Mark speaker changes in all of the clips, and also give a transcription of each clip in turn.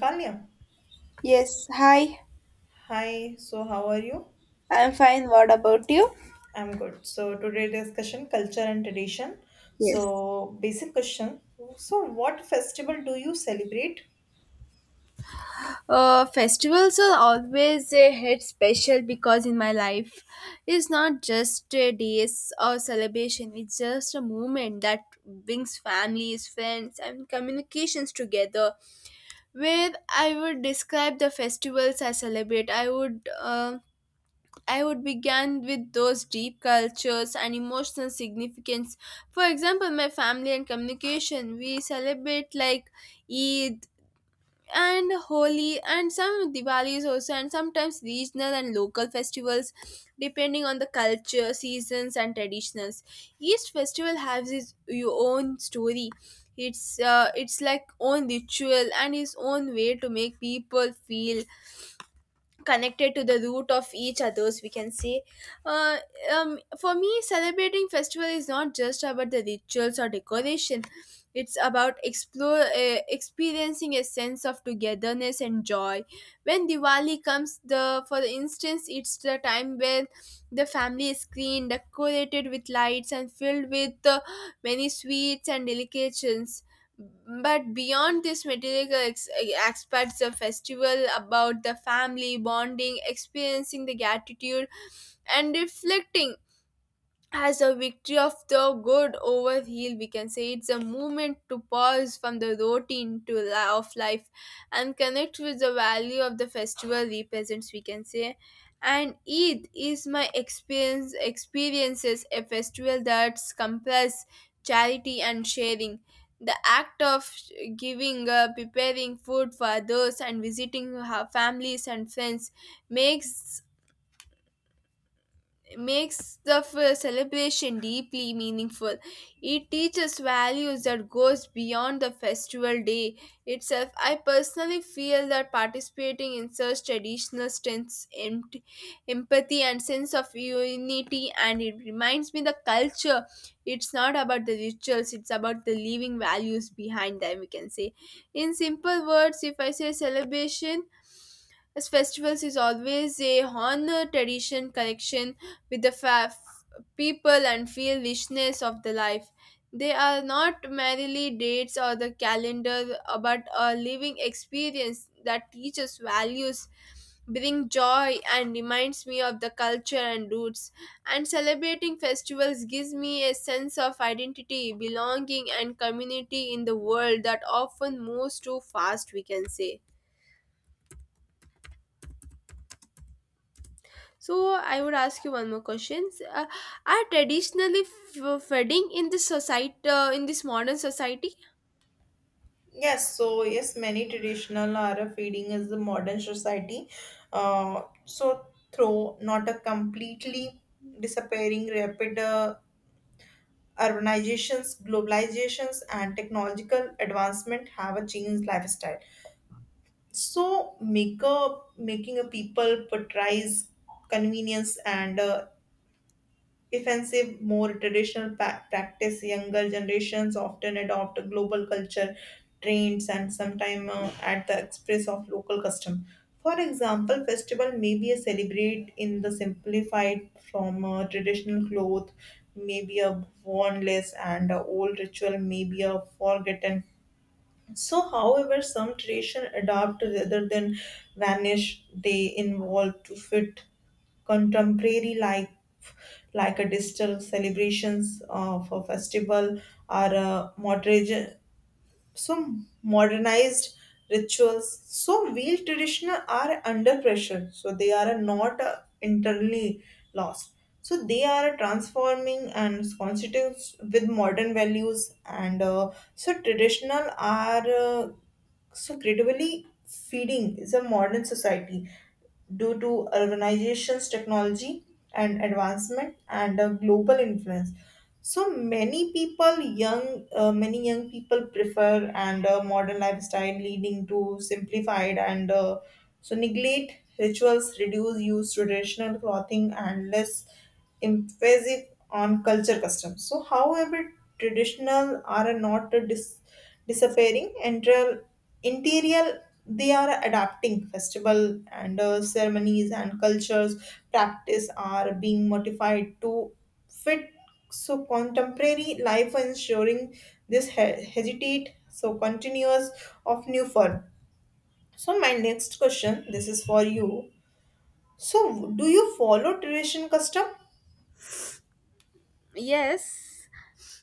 Speaker 1: Kalya,
Speaker 2: Yes, hi.
Speaker 1: hi. So how are you?
Speaker 2: I'm fine. What about you?
Speaker 1: I'm good. So today discussion culture and tradition.
Speaker 2: Yes.
Speaker 1: So basic question. So what festival do you celebrate?
Speaker 2: Festivals are always a hit special because in my life, it's not just a days or celebration. It's just a moment that brings families, friends, and communications together. Where I would describe the festivals I celebrate, I would begin with those deep cultures and emotional significance. For example, my family and communication, we celebrate like Eid and Holi and some Diwalis also, and sometimes regional and local festivals depending on the culture, seasons, and traditions. Each festival has its your own story. It's like own ritual and its own way to make people feel connected to the root of each others, we can say. uh, for me, celebrating festival is not just about the rituals or decoration. It's about explore experiencing a sense of togetherness and joy. When diwali comes the for instance, it's the time when the family is clean decorated with lights and filled with many sweets and delicacies. But beyond this aspects, the festival about the family bonding, experiencing the gratitude and reflecting as a victory of the good over evil, we can say. It's a movement to pause from the routine of life and connect with the value of the festival represents, we can say. And eid is my experiences a festival that compass charity and sharing. The act of giving, preparing food for others and visiting her families and friends makes makes the celebration deeply meaningful. It teaches values that goes beyond the festival day itself. I personally feel that participating in such traditional stints empathy and sense of unity, and it reminds me the culture. It's not about the rituals, it's about the living values behind them, we can say. In simple words, if I say celebration, as festivals is always a honor tradition connection with people and feel richness of the life. They are not merely dates or the calendar, but a living experience that teaches values, bring joy, and reminds me of the culture and roots. And celebrating festivals gives me a sense of identity, belonging, and community in the world that often moves too fast, we can say. So I would ask you one more question. Are traditionally fading in this society, in this modern society?
Speaker 1: Yes. So yes, many traditional are feeding is the modern society. Uh, so, through not a completely disappearing rapid urbanizations, globalizations, and technological advancement have a changed lifestyle. So makeup making a people portrays convenience and offensive more traditional practice. Younger generations often adopt global culture trends and sometimes at the express of local custom. For example, festival may be a celebrate in the simplified from traditional cloth, maybe a worn less and old ritual, may be a forgotten. So however, some tradition adapt rather than vanish. They involve to fit contemporary life, like a digital celebrations of a festival or a moderation, some modernized rituals. So real traditional are under pressure. So they are not internally lost. So they are transforming and constitutes with modern values and. So traditional are credibly, feeding is a modern society due to urbanization's technology and advancement and a global influence. So many people, many young people prefer and a modern lifestyle leading to simplified and so neglect rituals, reduce use traditional clothing and less emphasis on culture customs. So however, traditional are not disappearing. Entire interior they are adapting festival and ceremonies and cultures practice are being modified to fit so contemporary life ensuring this hesitate so continuous of new form. So my next question, this is for you. So do you follow tradition custom?
Speaker 2: Yes,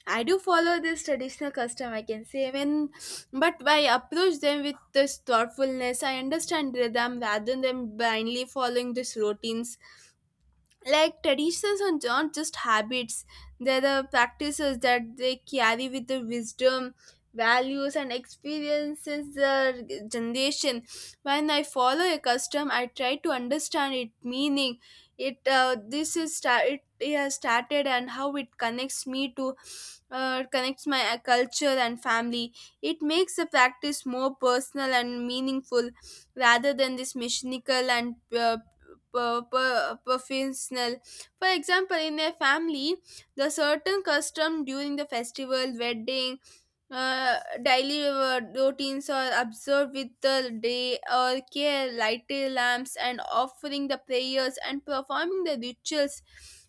Speaker 2: I do follow this traditional custom, I can say, when but I approach them with this thoughtfulness. I understand them rather than blindly following these routines. Like traditions are not just habits, they're the practices that they carry with the wisdom, values and experiences the generation. When I follow a custom, I try to understand its meaning. It has started and how it connects me to connects my culture and family. It makes the practice more personal and meaningful rather than this mechanical and professional. For example, in a family, the certain custom during the festival, wedding, uh, daily routines are observed with the day or care. Lighting lamps and offering the prayers and performing the rituals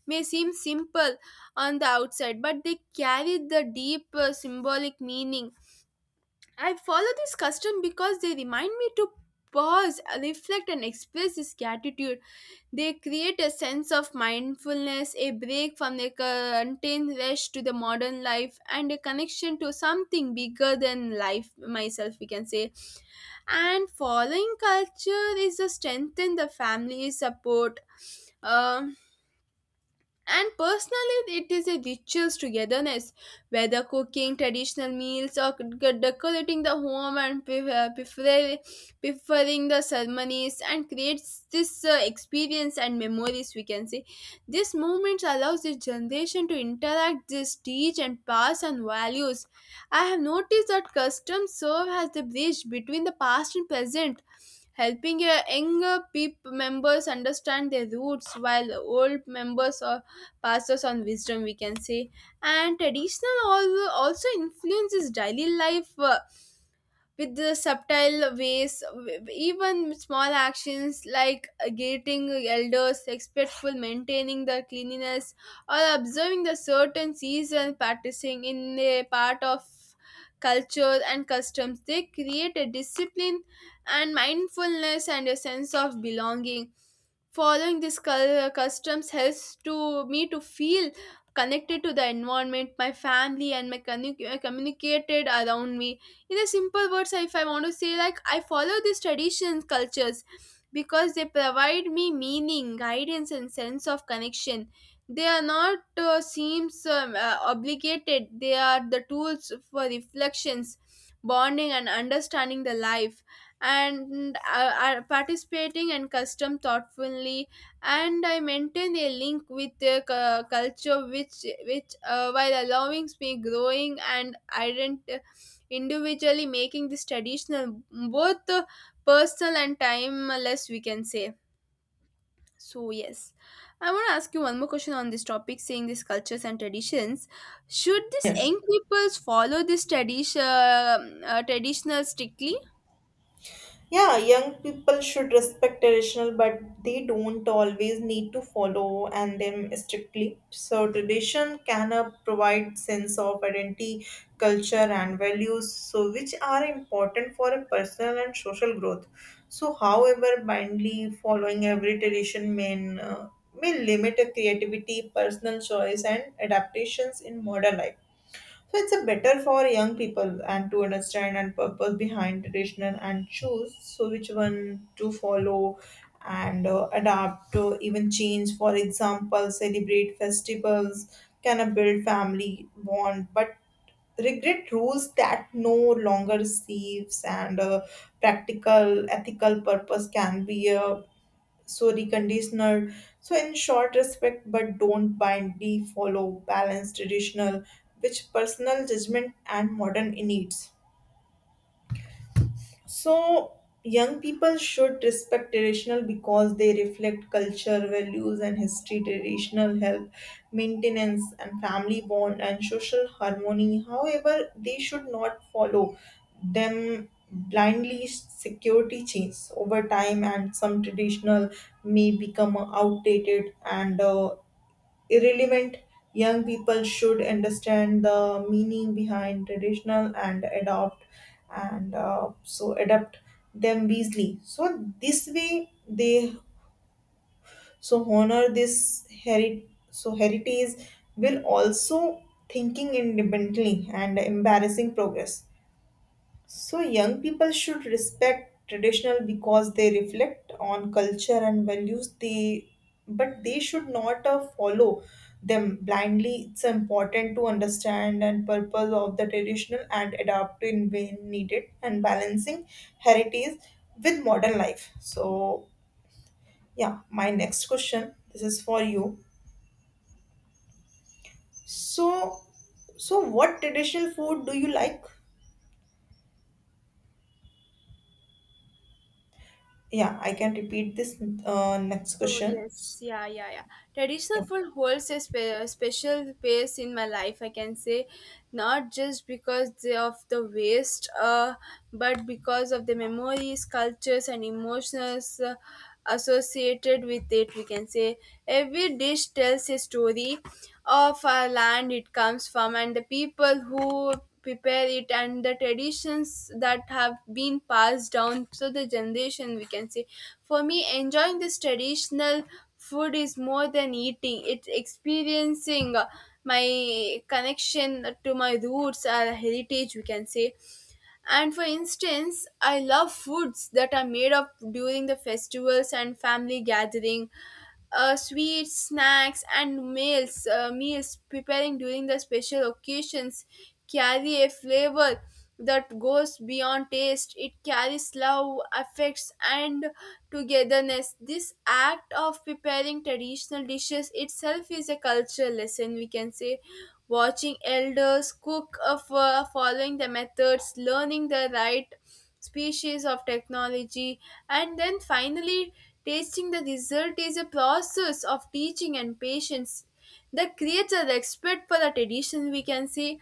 Speaker 2: may seem simple on the outside, but they carry the deep symbolic meaning. I follow this custom because they remind me to pause, reflect, and express this gratitude. They create a sense of mindfulness, a break from the contained rush to the modern life, and a connection to something bigger than life, myself, we can say. And following culture is to strengthen the family support. Um, and personally, it is a rituals togetherness, whether cooking traditional meals or decorating the home and preferring the ceremonies and creates this experience and memories. We can say this moment allows this generation to interact, this teach and pass on values. I have noticed that customs serve as the bridge between the past and present, helping your younger peep members understand their roots while old members or pastors on wisdom, we can say. And traditional also influences daily life with the subtle ways. Even small actions like greeting elders, respectful, maintaining the cleanliness, or observing the certain season, practicing in a part of culture and customs. They create a discipline and mindfulness and a sense of belonging. Following these customs helps to me to feel connected to the environment, my family, and my communicated around me. In a simple words, if I want to say like I follow these traditions cultures because they provide me meaning, guidance and sense of connection. They are not seems obligated. They are the tools for reflections, bonding and understanding the life, and are participating and custom thoughtfully. And I maintain a link with the culture which while allowing me growing and individually making this traditional both personal and timeless, we can say. So yes, I want to ask you one more question on this topic saying these cultures and traditions, should these
Speaker 1: Yes.
Speaker 2: young peoples follow this traditional strictly?
Speaker 1: Yeah, young people should respect traditional, but they don't always need to follow and them strictly. So tradition can provide sense of identity, culture, and values, so which are important for a personal and social growth. So however, blindly following every tradition uh, may limit a creativity, personal choice, and adaptations in modern life. So it's a better for young people and to understand and purpose behind traditional and choose so which one to follow and adapt to even change. For example, celebrate festivals can build family bond, but regret rules that no longer serves and practical ethical purpose can be a Sorry, conditional. So in short respect but don't bind de follow balance traditional which personal judgment and modern needs. So young people should respect traditional because they reflect culture, values, and history. Traditional help maintenance and family bond and social harmony. However, they should not follow them blindly. Security changes over time, and some traditional may become outdated and irrelevant. Young people should understand the meaning behind traditional and adopt and adapt them wisely. So this way they so honor this heri. So heritage will also thinking independently and embarrassing progress. So young people should respect traditional because they reflect on culture and values. They, but they should not follow them blindly. It's important to understand and purpose of the traditional and adapt in when needed and balancing heritage with modern life. So yeah, my next question. This is for you. So so what traditional food do you like? Yeah, I can repeat this next
Speaker 2: So
Speaker 1: question.
Speaker 2: yes, Traditional
Speaker 1: Yeah.
Speaker 2: food holds a special place in my life, I can say. Not just because of the waste, but because of the memories, cultures, and emotions associated with it. We can say every dish tells a story of our land it comes from, and the people who prepare it, and the traditions that have been passed down to the generation, we can say. For me, enjoying this traditional food is more than eating. It's experiencing my connection to my roots or heritage, we can say. And for instance, I love foods that are made up during the festivals and family gathering, sweets, snacks, and meals. Meals preparing during the special occasions carry a flavor that goes beyond taste. It carries love, affects, and togetherness. This act of preparing traditional dishes itself is a cultural lesson, we can say. Watching elders cook, following the methods, learning the right species of technology, and then finally tasting the result is a process of teaching and patience that creates an expert for the tradition, we can say.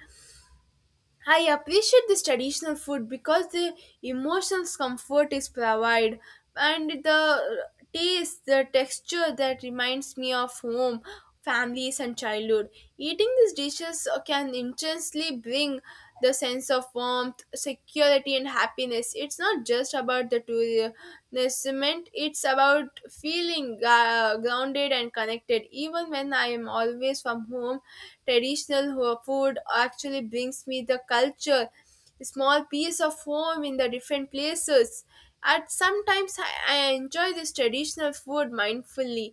Speaker 2: I appreciate this traditional food because the emotional comfort is provided, and the taste, the texture that reminds me of home, families, and childhood. Eating these dishes can intensely bring the sense of warmth, security, and happiness. It's not just about the tourism, it's about feeling grounded and connected. Even when I am always from home, traditional food actually brings me the culture, a small piece of home in the different places. At sometimes I enjoy this traditional food mindfully.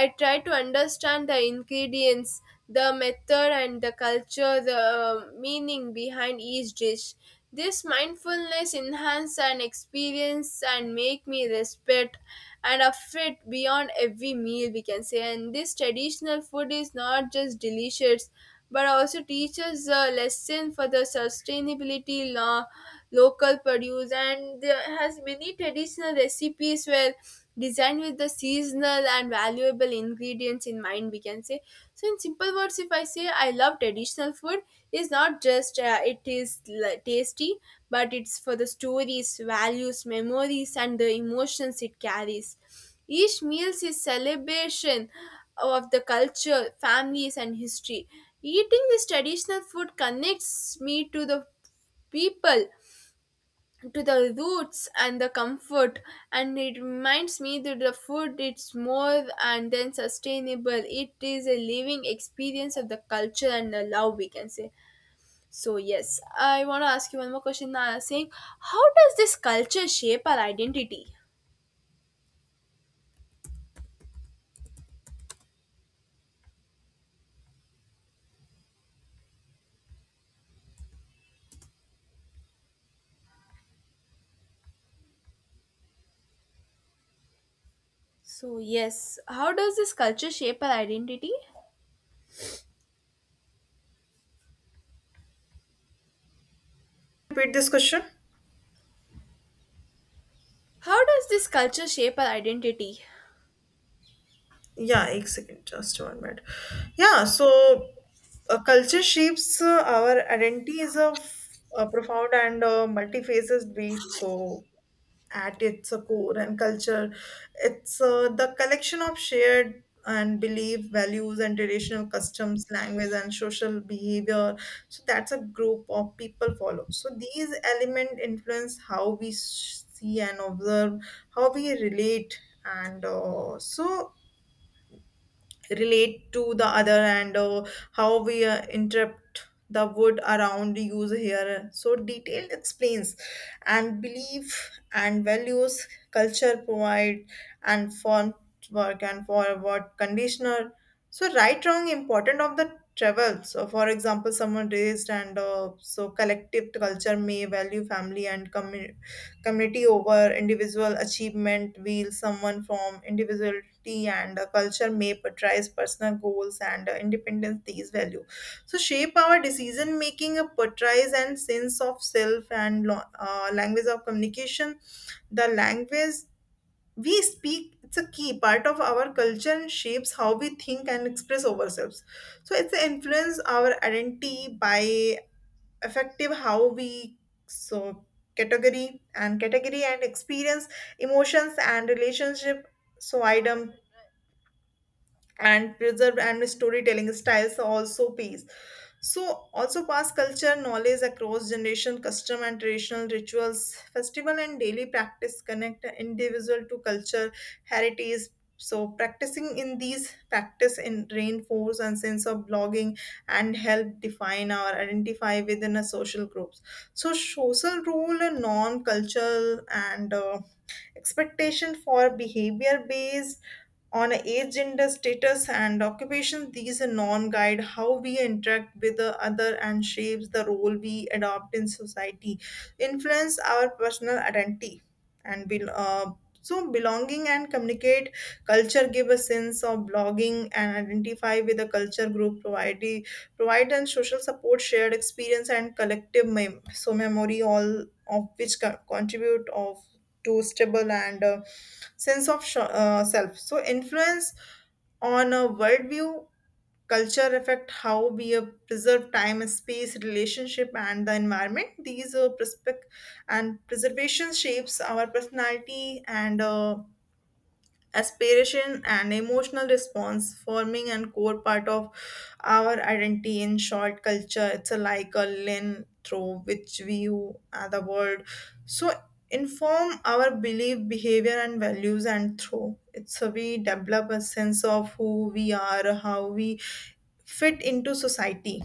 Speaker 2: I try to understand the ingredients, the method, and the culture, the meaning behind each dish. This mindfulness enhance an experience and make me respect and affect beyond every meal, we can say. And this traditional food is not just delicious but also teaches a lesson for the sustainability law, local produce, and there has many traditional recipes where designed with the seasonal and valuable ingredients in mind, we can say. So, in simple words, if I say I love traditional food, is not just tasty, but it's for the stories, values, memories, and the emotions it carries. Each meal is celebration of the culture, families, and history. Eating this traditional food connects me to the people, to the roots and the comfort. And it reminds me that the food it's more and then sustainable, it is a living experience of the culture and the love, we can say. So yes, I want to ask you one more question saying how does this culture shape our identity? So yes, how does this culture shape our identity?
Speaker 1: Repeat this question?
Speaker 2: How does this culture shape our identity?
Speaker 1: Yeah, एक second, just 1 minute. Yeah, so culture shapes our identities of profound and multi-faces beat. So at its core and culture. It's the collection of shared and belief, values, and traditional customs, language, and social behavior. So that's a group of people follow. So these elements influence how we see and observe, how we relate, and relate to the other and how we interpret the word around use here so detailed explains and belief and values culture provide and font work and forward conditioner so right wrong important of the travel. So for example someone raised and so collective culture may value family and community over individual achievement while someone from individual and culture may prioritize personal goals and independence these value so shape our decision making a portrays and sense of self and language of communication. The language we speak, it's a key part of our culture and shapes how we think and express ourselves. So it's influence our identity by effective how we so category and experience emotions and relationship so item and preserved and storytelling styles also pays. So also pass culture knowledge across generation, custom and traditional rituals, festival and daily practice connect an individual to culture, heritage. So practicing in these practice in reinforce and sense of belonging and help define or identify within a social groups. So social role and non-cultural and expectation for behavior based on age, gender, status, and occupation, these norms guide how we interact with the other and shapes the role we adopt in society, influence our personal identity, and be, so belonging and communicate culture give a sense of belonging and identify with a culture group provide and social support shared experience and collective memory all of which contribute of to stable and self. So influence on a worldview, culture affect how we preserve time, space, relationship, and the environment. These perspec- and preservation shapes our personality and aspiration and emotional response forming and core part of our identity. In short culture it's a like a lens through which we view the world, so inform our belief behavior and values, and through it's a we develop a sense of who we are how we fit into society.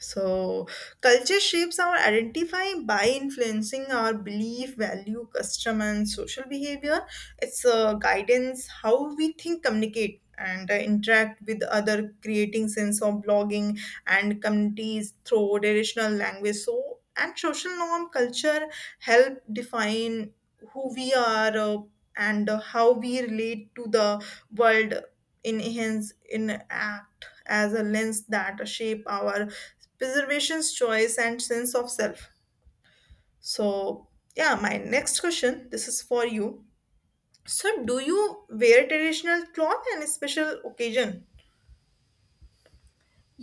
Speaker 1: So culture shapes our identify by influencing our belief, value, custom, and social behavior. It's guidance how we think, communicate, and interact with other, creating sense of blogging and communities through traditional language. So and social norm culture help define who we are and how we relate to the world in hence in act as a lens that shape our preservation's choice and sense of self. So yeah, my next question this is for you. So do you wear traditional cloth on a special occasion?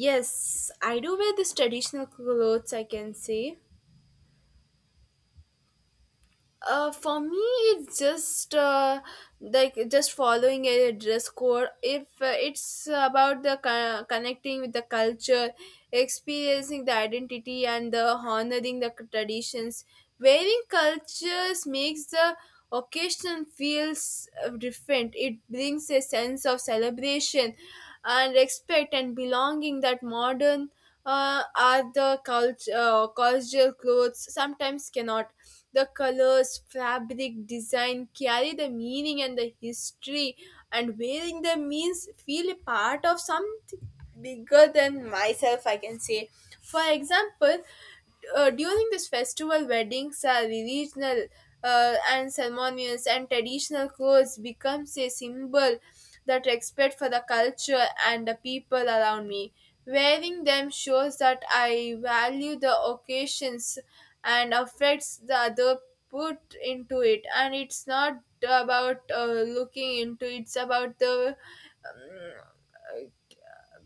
Speaker 2: Yes, I do wear this traditional clothes, I can say. For me, it's just like just following a dress code. If it's about the connecting with the culture, experiencing the identity, and the honoring the traditions, wearing cultures makes the occasion feels different. It brings a sense of celebration and respect and belonging that modern are the culture cultural clothes sometimes cannot. The colors, fabric, design carry the meaning and the history, and wearing them means feel a part of something bigger than myself, I can say. For example, during this festival, weddings are regional, and ceremonials and traditional clothes becomes a symbol that respect for the culture and the people around me. Wearing them shows that I value the occasions and affects the other put into it. And it's not about looking into it's about the um,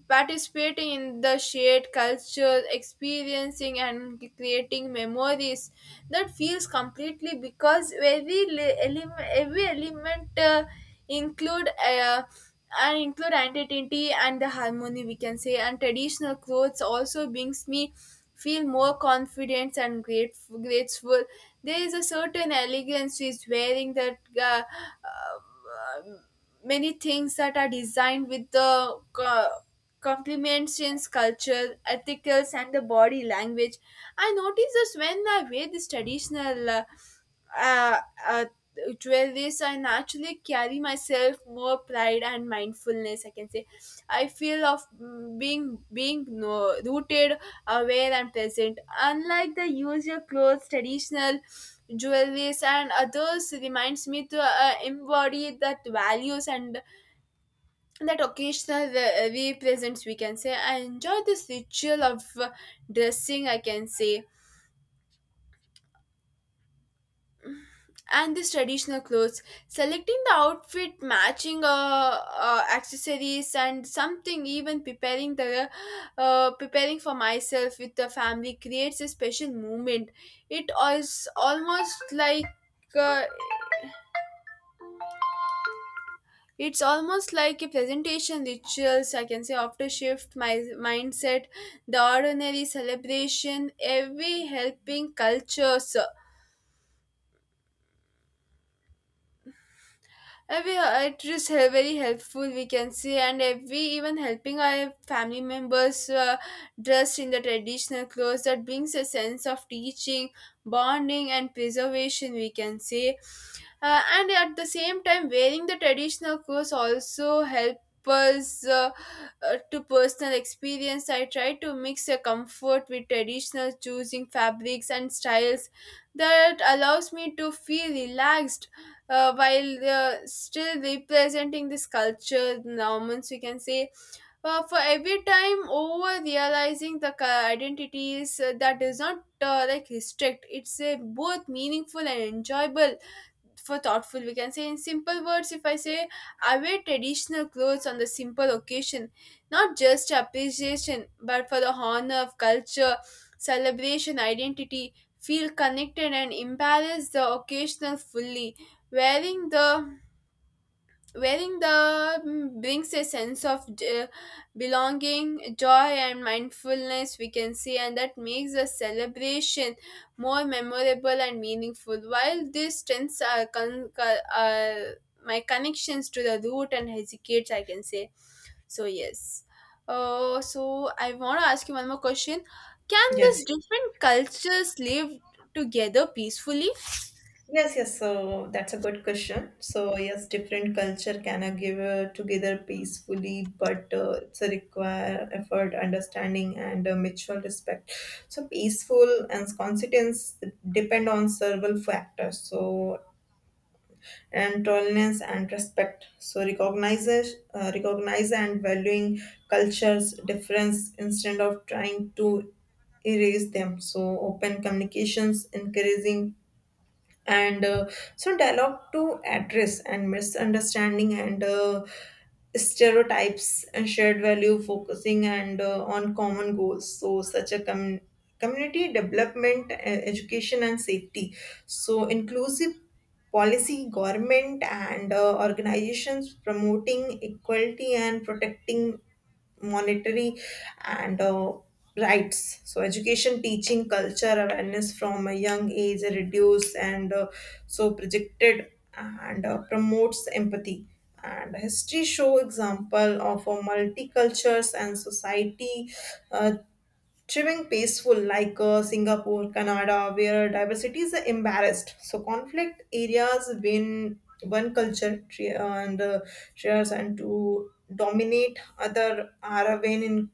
Speaker 2: participating in the shared culture, experiencing and creating memories that feels completely because element, every element, include and include identity and the harmony we can say. And traditional clothes also brings me feel more confident and grateful. There is a certain elegance with wearing that uh, Many things that are designed with the compliments in culture, ethicals, and the body language. I noticed this when I wear this traditional uh, uh, jewelry, so I naturally carry myself more pride and mindfulness, I can say. I feel of being being no, rooted, aware, and present. Unlike the usual clothes, traditional jewelries and others reminds me to embody that values and that represents, we can say. I enjoy this ritual of dressing, I can say, and this traditional clothes, selecting the outfit, matching accessories and something, even preparing the preparing for myself with the family creates a special moment. it is almost like uh, It's almost like a presentation rituals, I can say, after shift my mindset, the ordinary celebration, every helping cultures, every very helpful, we can say, and every even helping our family members dressed in the traditional clothes, that brings a sense of teaching, bonding and preservation, we can say. And at the same time wearing the traditional clothes also help us to personal experience. I try to mix a comfort with traditional, choosing fabrics and styles that allows me to feel relaxed, while still representing this culture norms, we can say, for every time over realizing identities that does not like restrict. It's a both meaningful and enjoyable, for thoughtful, we can say. In simple words, if I say, I wear traditional clothes on the simple occasion, not just appreciation but for the honor of culture, celebration, identity, feel connected and embrace the occasional fully. wearing the Wearing the brings a sense of belonging, joy and mindfulness, we can say, and that makes the celebration more memorable and meaningful, while this strengths are my connections to the root and hesitates, I can say. So yes, so I want to ask you one more question: can these
Speaker 1: Yes,
Speaker 2: different cultures live together peacefully?
Speaker 1: yes. So that's a good question. So yes, different culture can give together peacefully, but it's a require effort, understanding, and mutual respect. So peaceful and consistence depend on several factors. So and tolerance and respect. So recognize and valuing cultures difference instead of trying to erase them. So open communications, encouraging and dialogue to address and misunderstanding and stereotypes and shared value focusing and on common goals so such a community development education and safety so inclusive policy government and organizations promoting equality and protecting monetary and rights so education teaching culture awareness from a young age reduce and so projected and promotes empathy and history show example of multicultures and society uh, Trimming peaceful like Singapore, Canada, where diversity is embarrassed. So conflict areas when one culture tre- and shares and to dominate other are a win in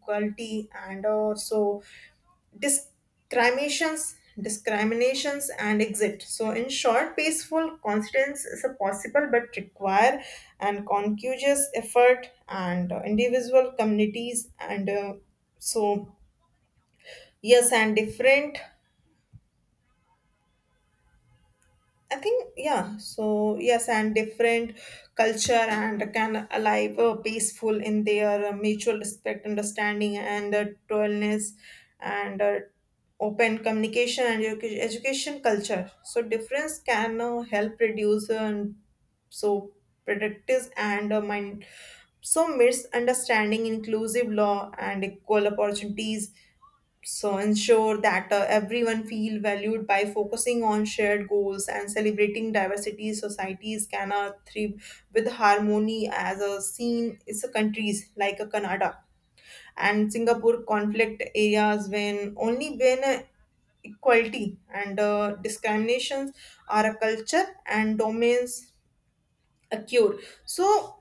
Speaker 1: and also discriminations and exit. So in short peaceful constance is a possible but require and conscious effort and individual communities and so yes and different. I think yeah, so yes and different culture and can alive peaceful in their mutual respect understanding and tolerance and open communication and education culture so difference can help reduce and so predators and mind so misunderstanding inclusive law and equal opportunities so ensure that everyone feel valued by focusing on shared goals and celebrating diversity societies can thrive with harmony as a scene is a countries like a Canada and Singapore conflict areas when only when equality and discriminations are a culture and domains occur. So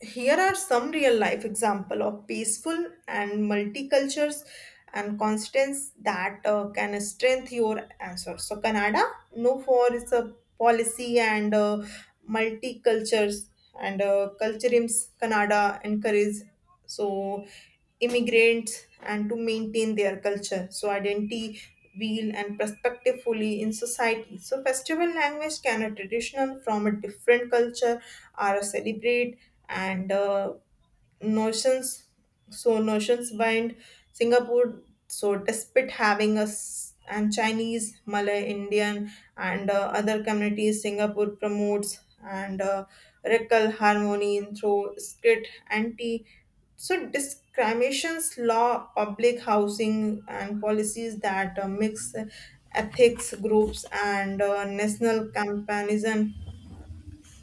Speaker 1: here are some real life example of peaceful and multicultures and constants that can strengthen your answer. So Canada, no for its a policy and multicultures and culturims Canada encourages so immigrants and to maintain their culture. So identity wheel and perspective fully in society. So festival language can a traditional from a different culture are celebrate and notions so notions bind Singapore so despite having us and Chinese Malay Indian and other communities Singapore promotes and rectal harmony through skit anti so discriminations law public housing and policies that mix ethics groups and national comparison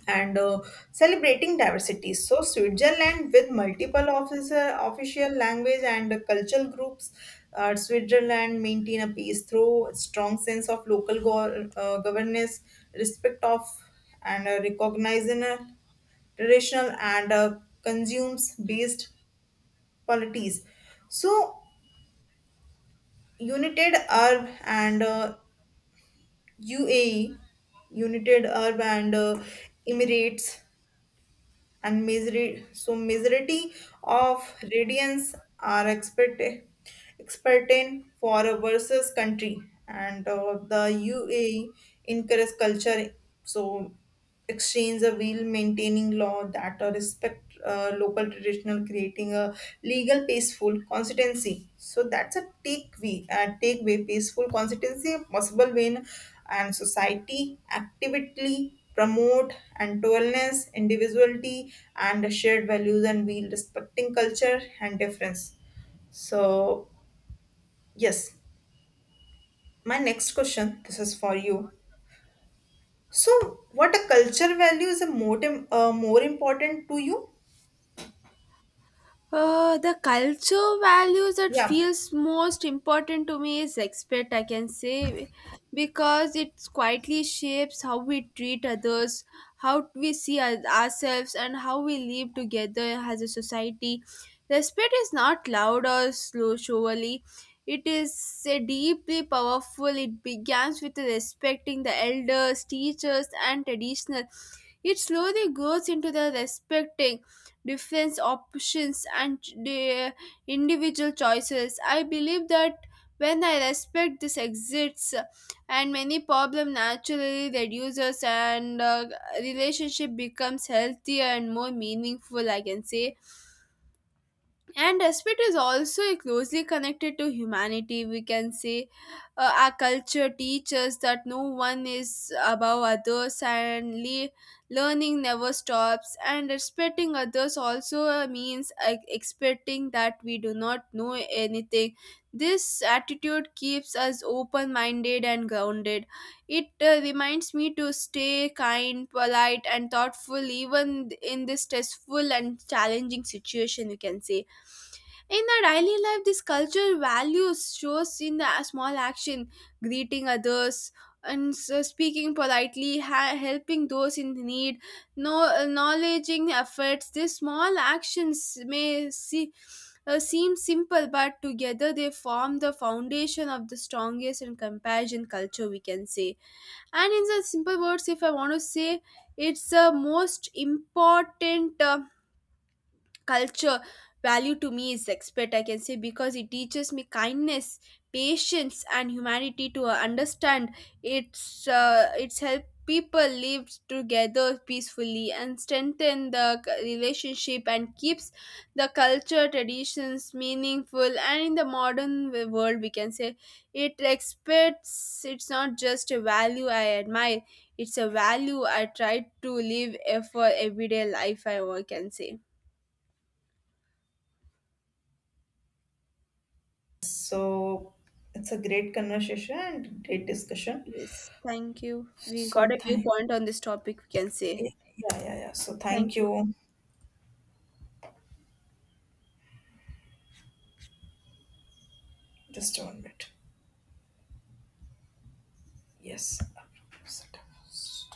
Speaker 1: and celebrating diversity. So Switzerland with multiple officer, official language and cultural groups, Switzerland maintain a peace through a strong sense of local governance, respect of and recognizing traditional and consumes based polities. So United Arab and UAE, United Arab and Emirates and misery of radiance are expert in for a versus country and the UAE encourages culture so exchange a wheel maintaining law that respect local traditional creating a legal peaceful constituency so that's a takeaway takeaway peaceful constituency a possible when and society actively promote and wellness, individuality, and shared values, and we respecting culture and difference. So yes, my next question this is for you. So what a culture value is a more important to you?
Speaker 2: The culture values that
Speaker 1: Yeah.
Speaker 2: feels most important to me is respect, I can say, because it quietly shapes how we treat others, how we ourselves, and how we live together as a society. Respect is not loud or slow, surely. It is a deeply powerful. It begins with respecting the elders, teachers, and traditional. It slowly grows into the respecting different options and the individual choices. I believe that when I respect this exists, and many problem naturally reduces, and relationship becomes healthier and more meaningful, I can say. And respect is also closely connected to humanity, we can say. Our culture teaches that no one is above others, learning never stops, and respecting others also means expecting that we do not know anything. This attitude keeps us open minded and grounded. It reminds me to stay kind, polite and thoughtful even in this stressful and challenging situation, you can say. In our daily life, this cultural values shows in the small action: greeting others, and so speaking politely, helping those in need, no acknowledging efforts. These small actions may seem simple, but together they form the foundation of the strongest and compassion culture, we can say. And in the simple words, if I want to say, it's the most important culture value to me is expert, I can say, because it teaches me kindness, patience and humanity to understand. It's help people live together peacefully and strengthen the relationship and keeps the culture traditions meaningful and in the modern world, we can say. It expects, it's not just a value I admire, it's a value I try to live eh, for everyday life, I can say.
Speaker 1: So it's a great conversation and great discussion.
Speaker 2: Yes, thank you. We got
Speaker 1: So
Speaker 2: a
Speaker 1: thank
Speaker 2: viewpoint on this topic, we can say.
Speaker 1: yeah, yeah. So thank
Speaker 2: Thank you.
Speaker 1: you. Just a minute. Yes.